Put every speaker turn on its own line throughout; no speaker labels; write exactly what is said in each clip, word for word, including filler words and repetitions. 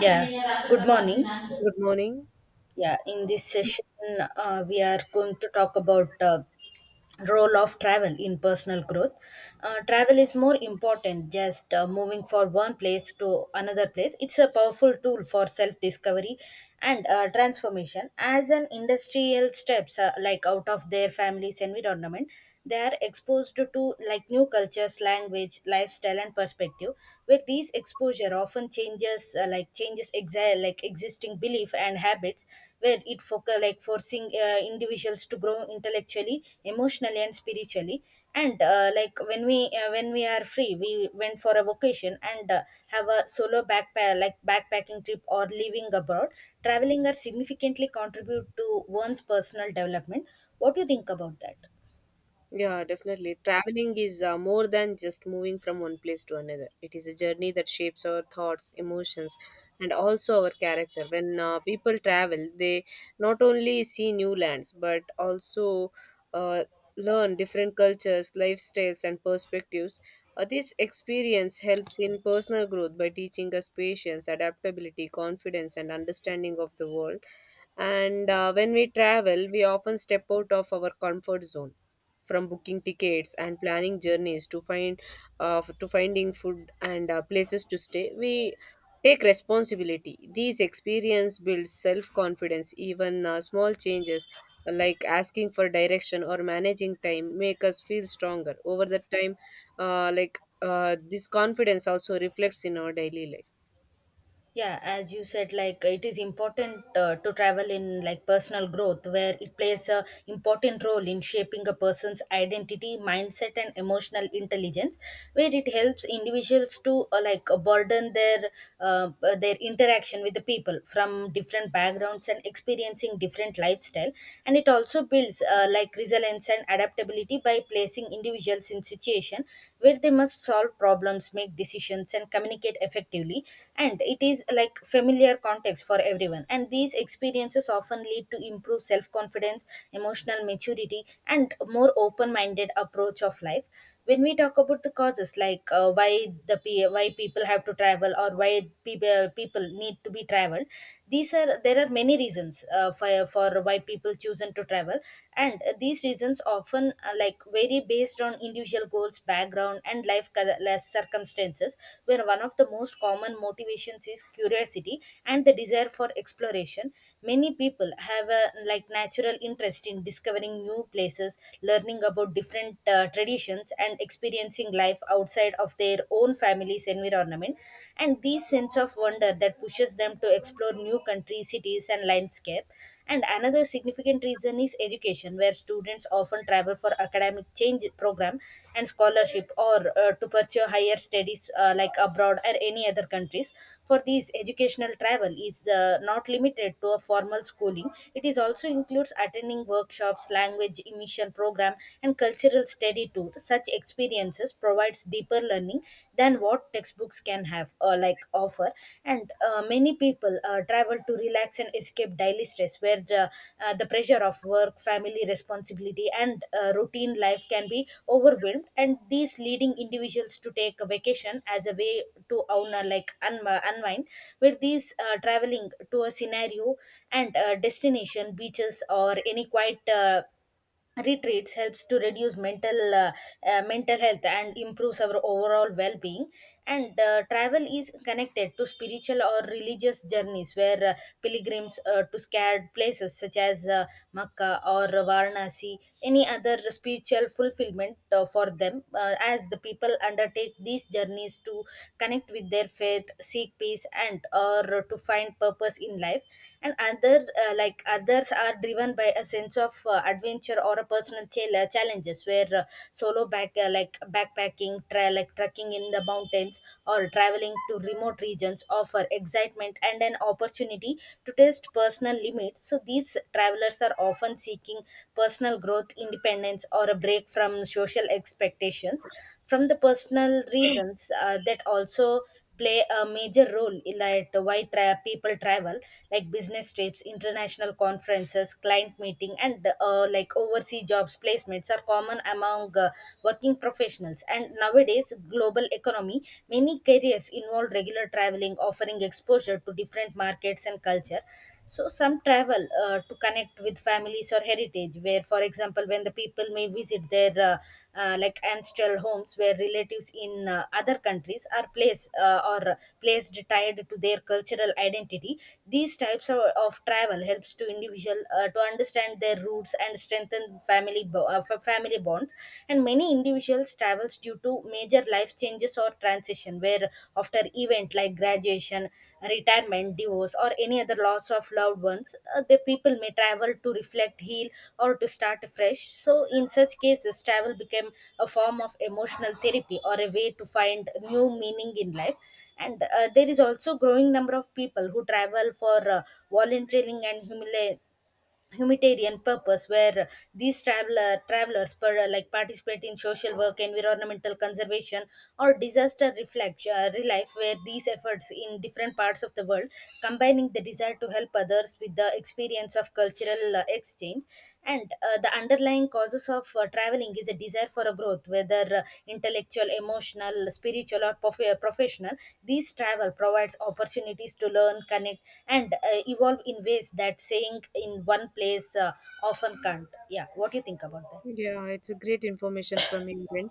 Yeah, good morning.
Good morning.
Yeah, in this session, uh, we are going to talk about the role of travel in personal growth. Uh, travel is more important just uh, moving from one place to another place. It's a powerful tool for self discovery and uh, transformation. As an industrial steps uh, like out of their family's environment, they are exposed to like new cultures, language, lifestyle, and perspective. With these exposure often changes changes uh, like changes exa- like existing belief and habits where it focus like forcing uh, individuals to grow intellectually emotionally and spiritually and uh, like when we uh, when we are free we went for a vacation and uh, have a solo backpack like backpacking trip or living abroad traveling are significantly contribute to one's personal development. What do you think about that?
Yeah, definitely. Traveling is uh, more than just moving from one place to another. It is a journey that shapes our thoughts, emotions, and also our character. When uh, people travel, they not only see new lands but also uh, learn different cultures, lifestyles, and perspectives. Uh, this experience helps in personal growth by teaching us patience, adaptability, confidence, and understanding of the world. And uh, when we travel, we often step out of our comfort zone, from booking tickets and planning journeys to find uh, to finding food and uh, places to stay. We take responsibility. These experience builds self confidence. Even uh, small changes like asking for direction or managing time make us feel stronger over the time. Uh, like uh, this confidence also reflects in our daily life.
Yeah, as you said, like it is important uh, to travel in like personal growth where it plays a important role in shaping a person's identity mindset and emotional intelligence where it helps individuals to uh, like uh, burden their uh, uh, their interaction with the people from different backgrounds and experiencing different lifestyle. And it also builds uh, like resilience and adaptability by placing individuals in situation where they must solve problems, make decisions, and communicate effectively. And it is like familiar context for everyone. And these experiences often lead to improved self confidence, emotional maturity, and a more open minded approach of life. When we talk about the causes, like uh, why the pe- why people have to travel or why people people need to be traveled, these are there are many reasons uh, for for why people chosen to travel travel and uh, these reasons often uh, like vary based on individual goals background and life col- less circumstances where one of the most common motivations is curiosity and the desire for exploration. Many people have a like natural interest in discovering new places, learning about different uh, traditions and experiencing life outside of their own family's environment, and this sense of wonder that pushes pushes them to explore new countries, cities, and landscape. And another significant reason is education, where students often travel for academic change program and scholarship or uh, to pursue higher studies uh, like abroad or any other countries. For these, educational travel is uh, not limited to a formal schooling. It is also includes attending workshops, language immersion program, and cultural study tour. Such experiences provides deeper learning than what textbooks can have or like offer. And uh, many people uh, travel to relax and escape daily stress where the, uh, the pressure of work family responsibility and uh, routine life can be overwhelmed, and these leading individuals to take a vacation as a way to own a, like un- unwind, where these uh, traveling to a scenario and uh, destination beaches or any quiet uh, retreats helps to reduce mental uh, uh, mental health and improves our overall well-being. And uh, travel is connected to spiritual or religious journeys where uh, pilgrims uh, to scared places such as uh, makkah or varanasi any other spiritual fulfillment uh, for them uh, as the people undertake these journeys to connect with their faith, seek peace, and or to find purpose in life. And other uh, like others are driven by a sense of uh, adventure or a personal chal- uh, challenges where uh, solo back uh, like backpacking tra- like trekking in the mountains or traveling to remote regions offer excitement and an opportunity to test personal limits. So these travelers are often seeking personal growth, independence, or a break from social expectations from the personal reasons uh, that also play a major role in that why tra- people travel, like business trips, international conferences, client meeting, and uh, like overseas jobs placements are common among uh, working professionals and nowadays global economy. Many careers involve regular traveling, offering exposure to different markets and culture. So some travel uh, to connect with family memories or heritage where for example when the people may visit their uh, uh, like ancestral homes where relatives in uh, other countries are placed uh, or placed tied to their cultural identity. These types of, of travel helps to individual uh, to understand their roots and strengthen family bo- uh, fa- family bonds. And many individuals travels due to major life changes or of transition where after event like graduation, retirement, divorce, or any other loss of loved ones, uh, the people may travel to reflect, heal, or to start afresh. So in such cases travel became a form of emotional therapy or a way to find new meaning in life. And uh, there is also growing number of people who travel for uh, volunteering and humili- humanitarian purpose where these traveler travelers per, uh, like participate in social work, environmental conservation, or disaster reflect uh, relief where these efforts in different parts of the world combining the desire to help others with the experience of cultural uh, exchange. And uh, the underlying causes of uh, traveling is a desire for a growth, whether uh, intellectual, emotional, spiritual, or prof- uh, professional. These travel provides opportunities to learn, connect, and uh, evolve in ways that staying in one place uh, often can't. Yeah, what do you think about that?
Yeah, it's a great information from you, Rin.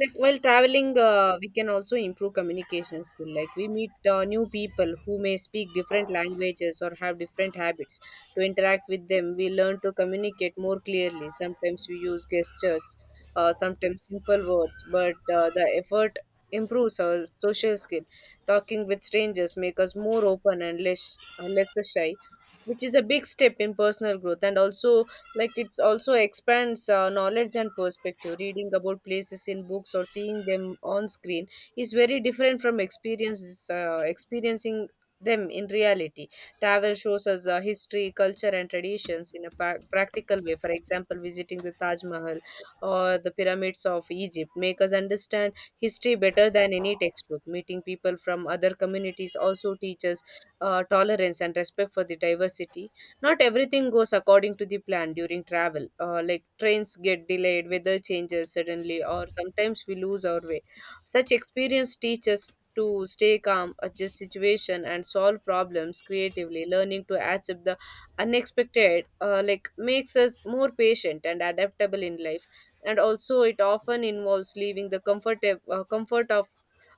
Like while traveling, uh, we can also improve communication skill. Like we meet uh, new people who may speak different languages or have different habits. To interact with them, we learn to communicate more clearly. Sometimes we use gestures, uh, sometimes simple words, but uh, the effort improves our social skill. Talking with strangers make us more open and less, uh, less shy, which is a big step in personal growth. And also, like, it's also expands uh, knowledge and perspective. Reading about places in books or seeing them on screen is very different from experiences uh, experiencing them in reality. Travel shows us uh, history, culture, and traditions in a pra- practical way. For example, visiting the Taj Mahal or the pyramids of Egypt make us understand history better than any textbook. Meeting people from other communities also teaches uh, tolerance and respect for the diversity. Not everything goes according to the plan during travel. Uh, like, trains get delayed, weather changes suddenly, or sometimes we lose our way. Such experience teaches us to stay calm, adjust situation, and solve problems creatively. Learning to accept the unexpected, uh, like, makes us more patient and adaptable in life. And also, it often involves leaving the comfort uh, comfort of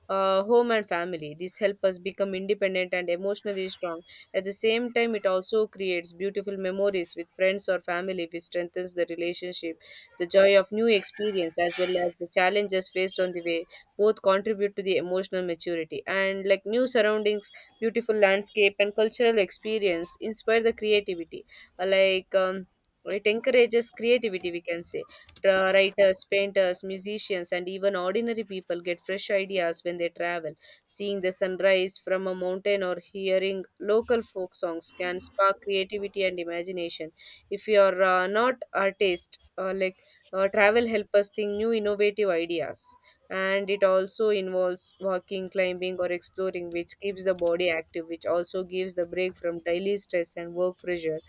uh, home and family. This help us become independent and emotionally strong. At the same time, it also creates beautiful memories with friends or family, which strengthens the relationship. The joy of new experience, as well as the challenges faced on the way, both contribute to the emotional maturity. And like, new surroundings, beautiful landscape, and cultural experience inspire the creativity. Uh, Like um, it encourages creativity, we can say. Tra- Writers, painters, musicians, and even ordinary people get fresh ideas when they travel. Seeing the sunrise from a mountain or hearing local folk songs can spark creativity and imagination. If you are uh, not artist, uh, like uh, travel help us think new innovative ideas. And it also involves walking, climbing, or exploring, which keeps the body active, which also gives the break from daily stress and work pressure.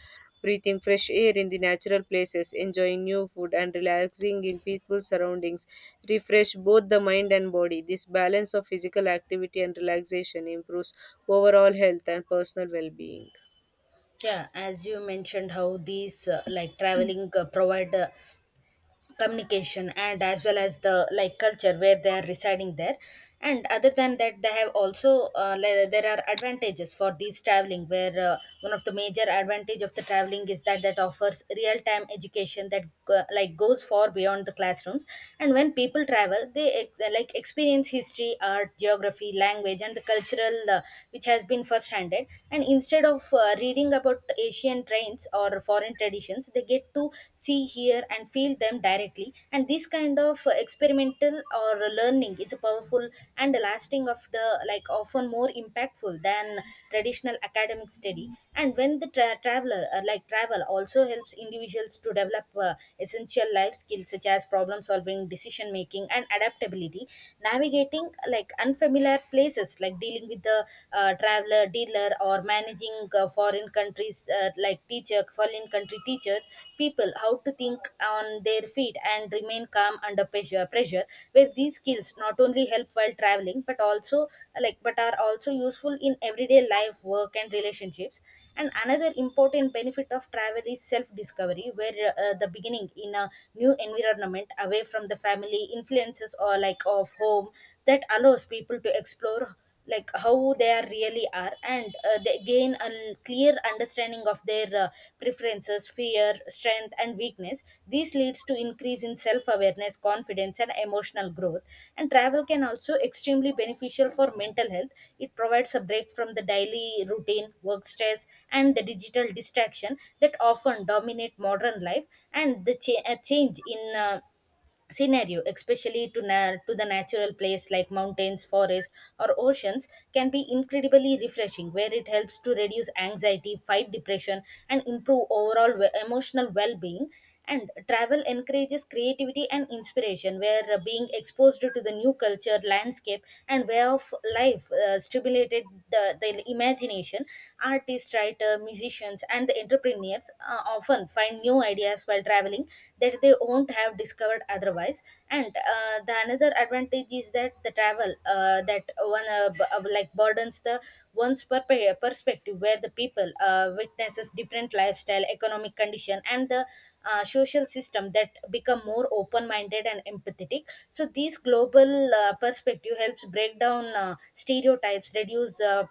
Breathing fresh air in the natural places, enjoying new food, and relaxing in peaceful surroundings refresh both the mind and body. This balance of physical activity and relaxation improves overall health and personal well being.
Yeah, as you mentioned how these uh, like traveling uh, provide uh, communication and as well as the like culture where they are residing there. And other than that, they have also uh, le- there are advantages for these traveling where uh, one of the major advantage of the traveling is that that offers real time education that go, like goes far beyond the classrooms. And when people travel, they ex- like experience history, art, geography, language, and the cultural uh, which has been first handed, and instead of uh, reading about Asian trains or or foreign traditions, they get to see, hear, and feel them directly. And this kind of uh, experimental or learning is a powerful and lasting of the like often more impactful than traditional academic study. And when the tra- traveler uh, like travel also helps individuals to develop uh, essential life skills such as problem solving, decision making, and adaptability, navigating like unfamiliar places, like dealing with the uh, traveler uh, dealer or managing uh, foreign countries uh, like teacher foreign country teachers people how to think on their feet and remain calm under pressure pressure where these skills not only help while traveling but also like but are also useful in everyday life, work, and relationships. And another important benefit of travel is self discovery where uh, the beginning in a new environment away from the family influences or like of home that allows people to explore like how they are really are, and uh, they gain a l- clear understanding of their uh, preferences, fear, strength, and weakness. This leads to increase in self awareness, confidence, and emotional growth. And travel can also extremely beneficial for mental health. It provides a break from the daily routine, work stress, and the digital distraction that often dominate modern life. And the cha- a change in uh, scenario, especially to na- to the natural place like mountains, forests, or oceans can be incredibly refreshing where it helps to reduce anxiety, fight depression, and improve overall we- emotional well-being. And travel encourages creativity and inspiration where uh, being exposed to the new culture, landscape, and way of life uh, stimulated the, the imagination. Artists, writers, musicians, and the entrepreneurs uh, often find new ideas while traveling that they won't have discovered otherwise. And uh, the another advantage is that the travel uh, that one uh, b- uh, like burdens the one's per- per- perspective where the people uh, witnesses different lifestyle, economic condition, and the uh, social system that become more open-minded and empathetic. So this global uh, perspective helps break down uh, stereotypes, reduce uh,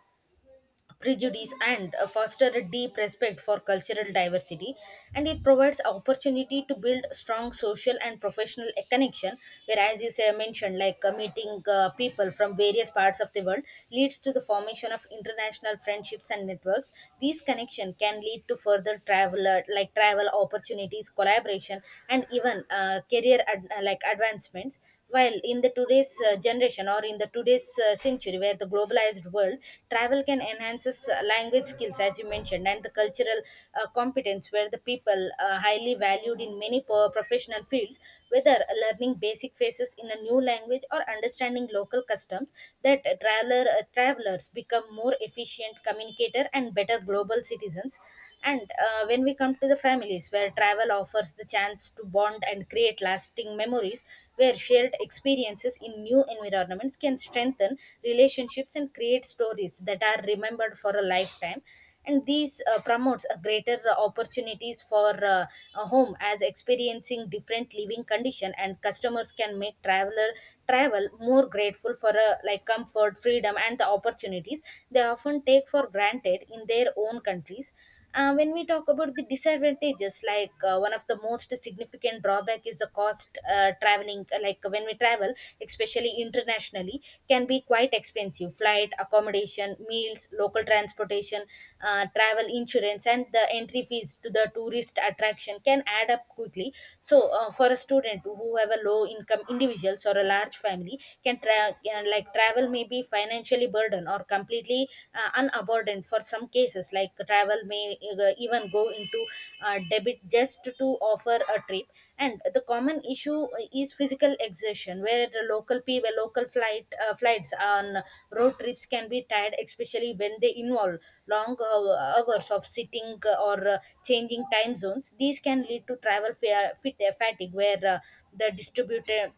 prejudice, and uh, foster a deep respect for cultural diversity. And it provides opportunity to build strong social and professional uh, connection, whereas you say mentioned like uh, meeting uh, people from various parts of the world leads to the formation of international friendships and networks. These connection can lead to further travel uh, like travel opportunities, collaboration, and even uh, career ad- uh, like advancements. While in the today's uh, generation generation or in the today's uh, century where the globalized world, travel can enhances uh, language skills as you mentioned, and the cultural uh, competence where the people uh, highly valued in many po- professional fields, whether learning basic phrases in a new language or understanding local customs, that uh, traveler uh, travelers become more efficient communicator and better global citizens. And uh, when we come to the families where travel offers the chance to bond bond and create lasting memories where shared experiences in new environments can strengthen relationships and create stories that are remembered for a lifetime. And these uh, promotes A greater uh, opportunities for uh, a home, as experiencing different living condition and customers can make traveler travel more grateful for uh, like comfort, freedom, and the opportunities they often take for granted in their own countries. Uh, when we talk about the disadvantages, like uh, one of the most significant drawback is the cost uh, traveling. uh, Like when we travel, especially internationally, can be quite expensive. Flight, accommodation, meals, local transportation, uh, travel insurance, and the entry fees to the tourist attraction can add up quickly. So, uh, for a student who have a low income individuals or a large family, can tra- can, like travel may be financially burden burden or completely uh, unburdened. For some cases, like travel may uh, even go into uh, debit just to offer a trip. And the common issue is physical exhaustion, where the local people, local flight uh, flights on road trips can be tired, especially when they involve long uh, hours of sitting, or uh, changing time zones. These can lead to travel fa- fit- fatigue, where uh, the distributed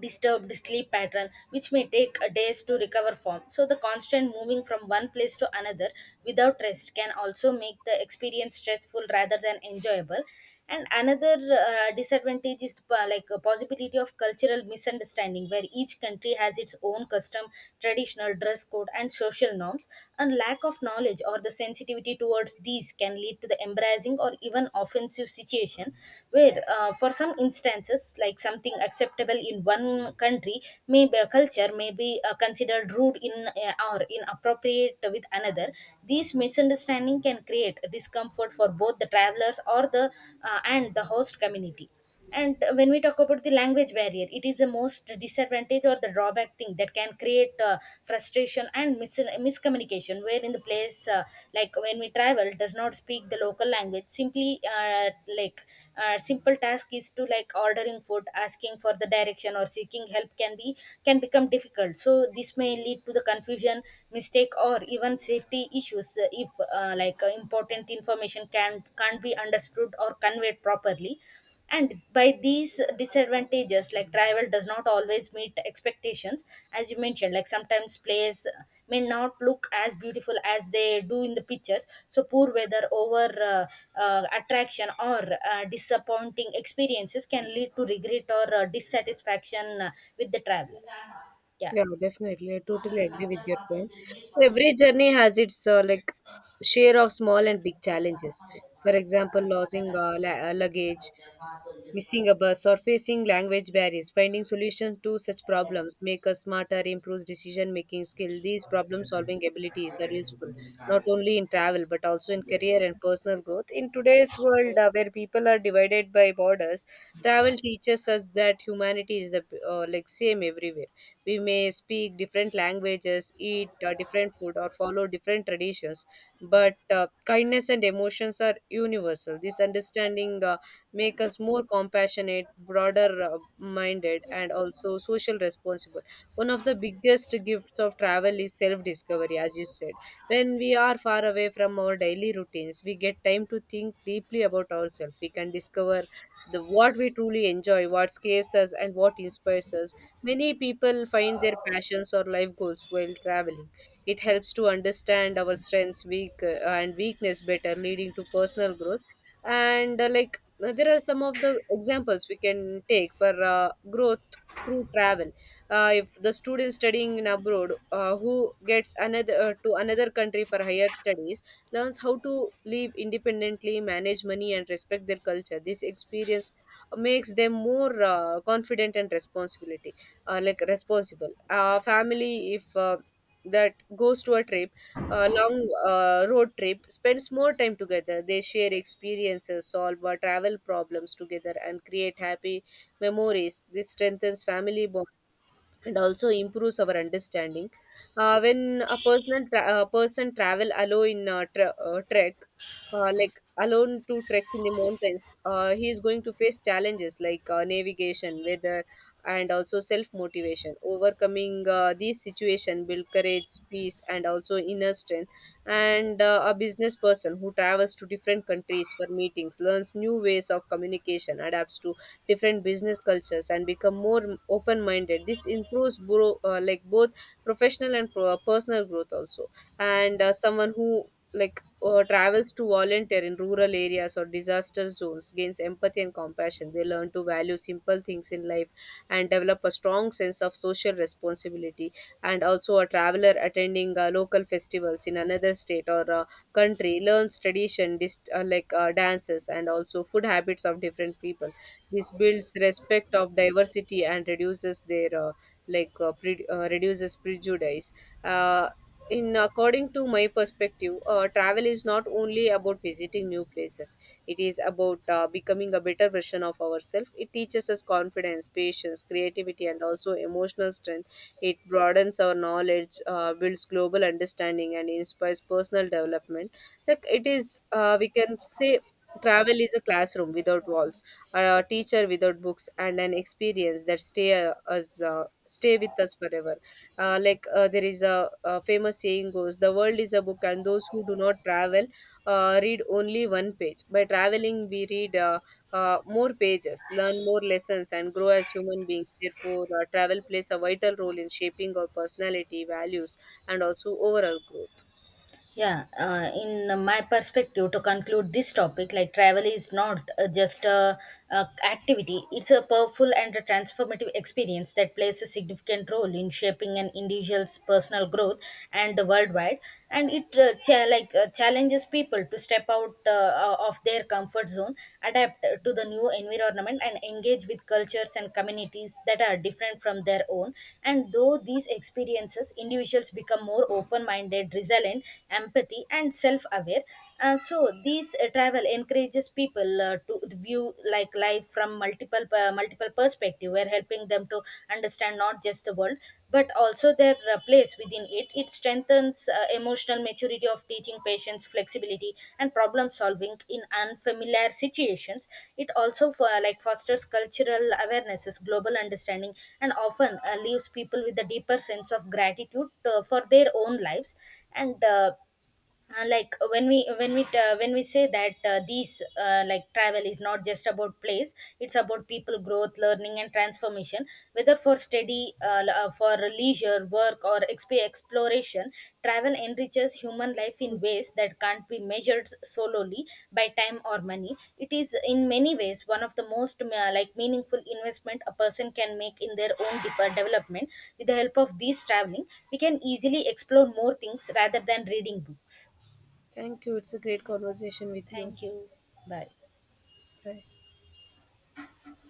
disturbed sleep pattern which may take uh, days to recover from. So the constant moving from one place to another without rest can also make the experience stressful rather than enjoyable. And another uh, disadvantage is uh, like a possibility of cultural misunderstanding, where each country has its own custom, traditional dress code, and social norms, and lack of knowledge or the sensitivity towards towards these can lead to the embarrassing or even offensive situation. Where uh, for some instances, like something acceptable in one country may be a culture, may be uh, considered rude in uh, or inappropriate with another. These misunderstanding can create discomfort for both the travelers or the uh, and the host community. And when we talk about the language barrier, it is the most disadvantage or the drawback thing that can create uh, frustration and mis- miscommunication, where in the place, uh, like when we travel does not speak the local language. Simply uh, like uh, simple task is to like ordering food, asking for the direction, or seeking help can be can become difficult. So this may lead to the confusion, mistake, or even safety issues, uh, if uh, like uh, important information can can't be understood or conveyed properly. And by these disadvantages, like travel does not always meet expectations, as you mentioned. Like sometimes plays may not look as beautiful as they do in the pictures, so poor weather, over uh, uh, attraction, or uh, disappointing experiences can lead to regret or uh, dissatisfaction uh, with the travel. Yeah.
Yeah, definitely. I totally agree with your point. Every journey has its uh, like share of small and big challenges. For example, losing uh, la- uh, luggage, missing a bus, or facing language barriers. Finding solutions to such problems make us smarter, improves decision making skill. These problem solving abilities are useful not only in travel but also in career and personal growth. In today's world, uh, where people are divided by borders, travel teaches us that humanity is the uh, like same everywhere. We may speak different languages, eat uh, different food, or follow different traditions, but uh, kindness and emotions are universal. This understanding Uh, make us more compassionate, broader uh, minded, and also social responsible. One of the biggest gifts of travel is self discovery, as you said. When we are far away from our daily routines, we get time to think deeply about ourselves. We can discover the what we truly enjoy, what scares us, and what inspires us. Many people find their passions or life goals while traveling. It helps to understand our strengths, weak, uh, and weakness better, leading to personal growth. And uh, like now, there are some of the examples we can take for uh, growth through travel. Uh, if the student studying in abroad, uh, who gets another uh, to another country for higher studies, learns how to live independently, manage money, and respect their culture. This experience makes them more uh, confident and responsibility, uh, like responsible. Uh, family, if uh, that goes to a trip, a long uh, road trip, spends more time together. They share experiences, solve uh, travel problems together, and create happy memories. This strengthens family bonds and also improves our understanding. Uh, when a personal tra- a person travel alone in uh, tra- uh, trek, uh, like alone to trek in the mountains, uh, he is going to face challenges like uh, navigation, weather, and also self motivation. Overcoming uh, these situation build courage, peace, and also inner strength. And uh, a business person who travels to different countries for meetings learns new ways of communication, adapts to different business cultures, and become more open minded. This improves bro- uh, like both professional and pro- uh, personal growth also. And uh, someone who like uh, travels to volunteer in rural areas or disaster zones gains empathy and compassion. They learn to value simple things in life and develop a strong sense of social responsibility. And also, a traveler attending uh, local festivals in another state or uh, country learns tradition dist- uh, like uh, dances, and also food habits of different people. This builds respect of diversity and reduces their uh, like uh, pre- uh, reduces prejudice. Uh, in according to my perspective, uh, travel is not only about visiting new places. It is about uh, becoming a better version of ourselves. It teaches us confidence, patience, creativity, and also emotional strength. It broadens our knowledge, uh, builds global understanding, and inspires personal development. Like it is, uh, we can say, travel is a classroom without walls, a teacher without books, and an experience that stay uh, us uh, stay with us forever. Uh, like uh, there is a, a famous saying goes, the world is a book and those who do not travel uh, read only one page. By traveling, we read uh, uh, more pages, learn more lessons, and grow as human beings. Therefore, uh, travel plays a vital role in shaping our personality, values, and also overall growth.
Yeah, uh, in uh, my perspective, to conclude this topic, like travel is not uh, just a, a activity; it's a powerful and a transformative experience that plays a significant role in shaping an individual's personal growth and the worldwide. And it uh, cha- like uh, challenges people to step out uh, uh, of their comfort zone, adapt to the new environment, and engage with cultures and communities that are different from their own. And though these experiences, individuals become more open-minded, resilient, empathy, and self-aware. Uh, so these uh, travel encourages people uh, to view like life from multiple uh, multiple perspective, we're helping them to understand not just the world but also their uh, place within it. It strengthens uh, emotional maturity of teaching patience, flexibility, and problem solving in unfamiliar situations. It also for, like fosters cultural awarenesses, global understanding, and often uh, leaves people with a deeper sense of gratitude uh, for their own lives. And uh, uh, like uh, When we when we uh, when we say that uh, these uh, like travel is not just about place, it's about people, growth, learning, and transformation. Whether for study, uh, l- uh, for leisure, work, or exp- exploration, travel enriches human life in ways that can't be measured solely by time or money. It is in many ways one of the most uh, like meaningful investment a person can make in their own deep- development. With the help of these traveling, we can easily explore more things rather than reading books.
Thank you, it's a great conversation with you.
Thank you. Bye.
Bye.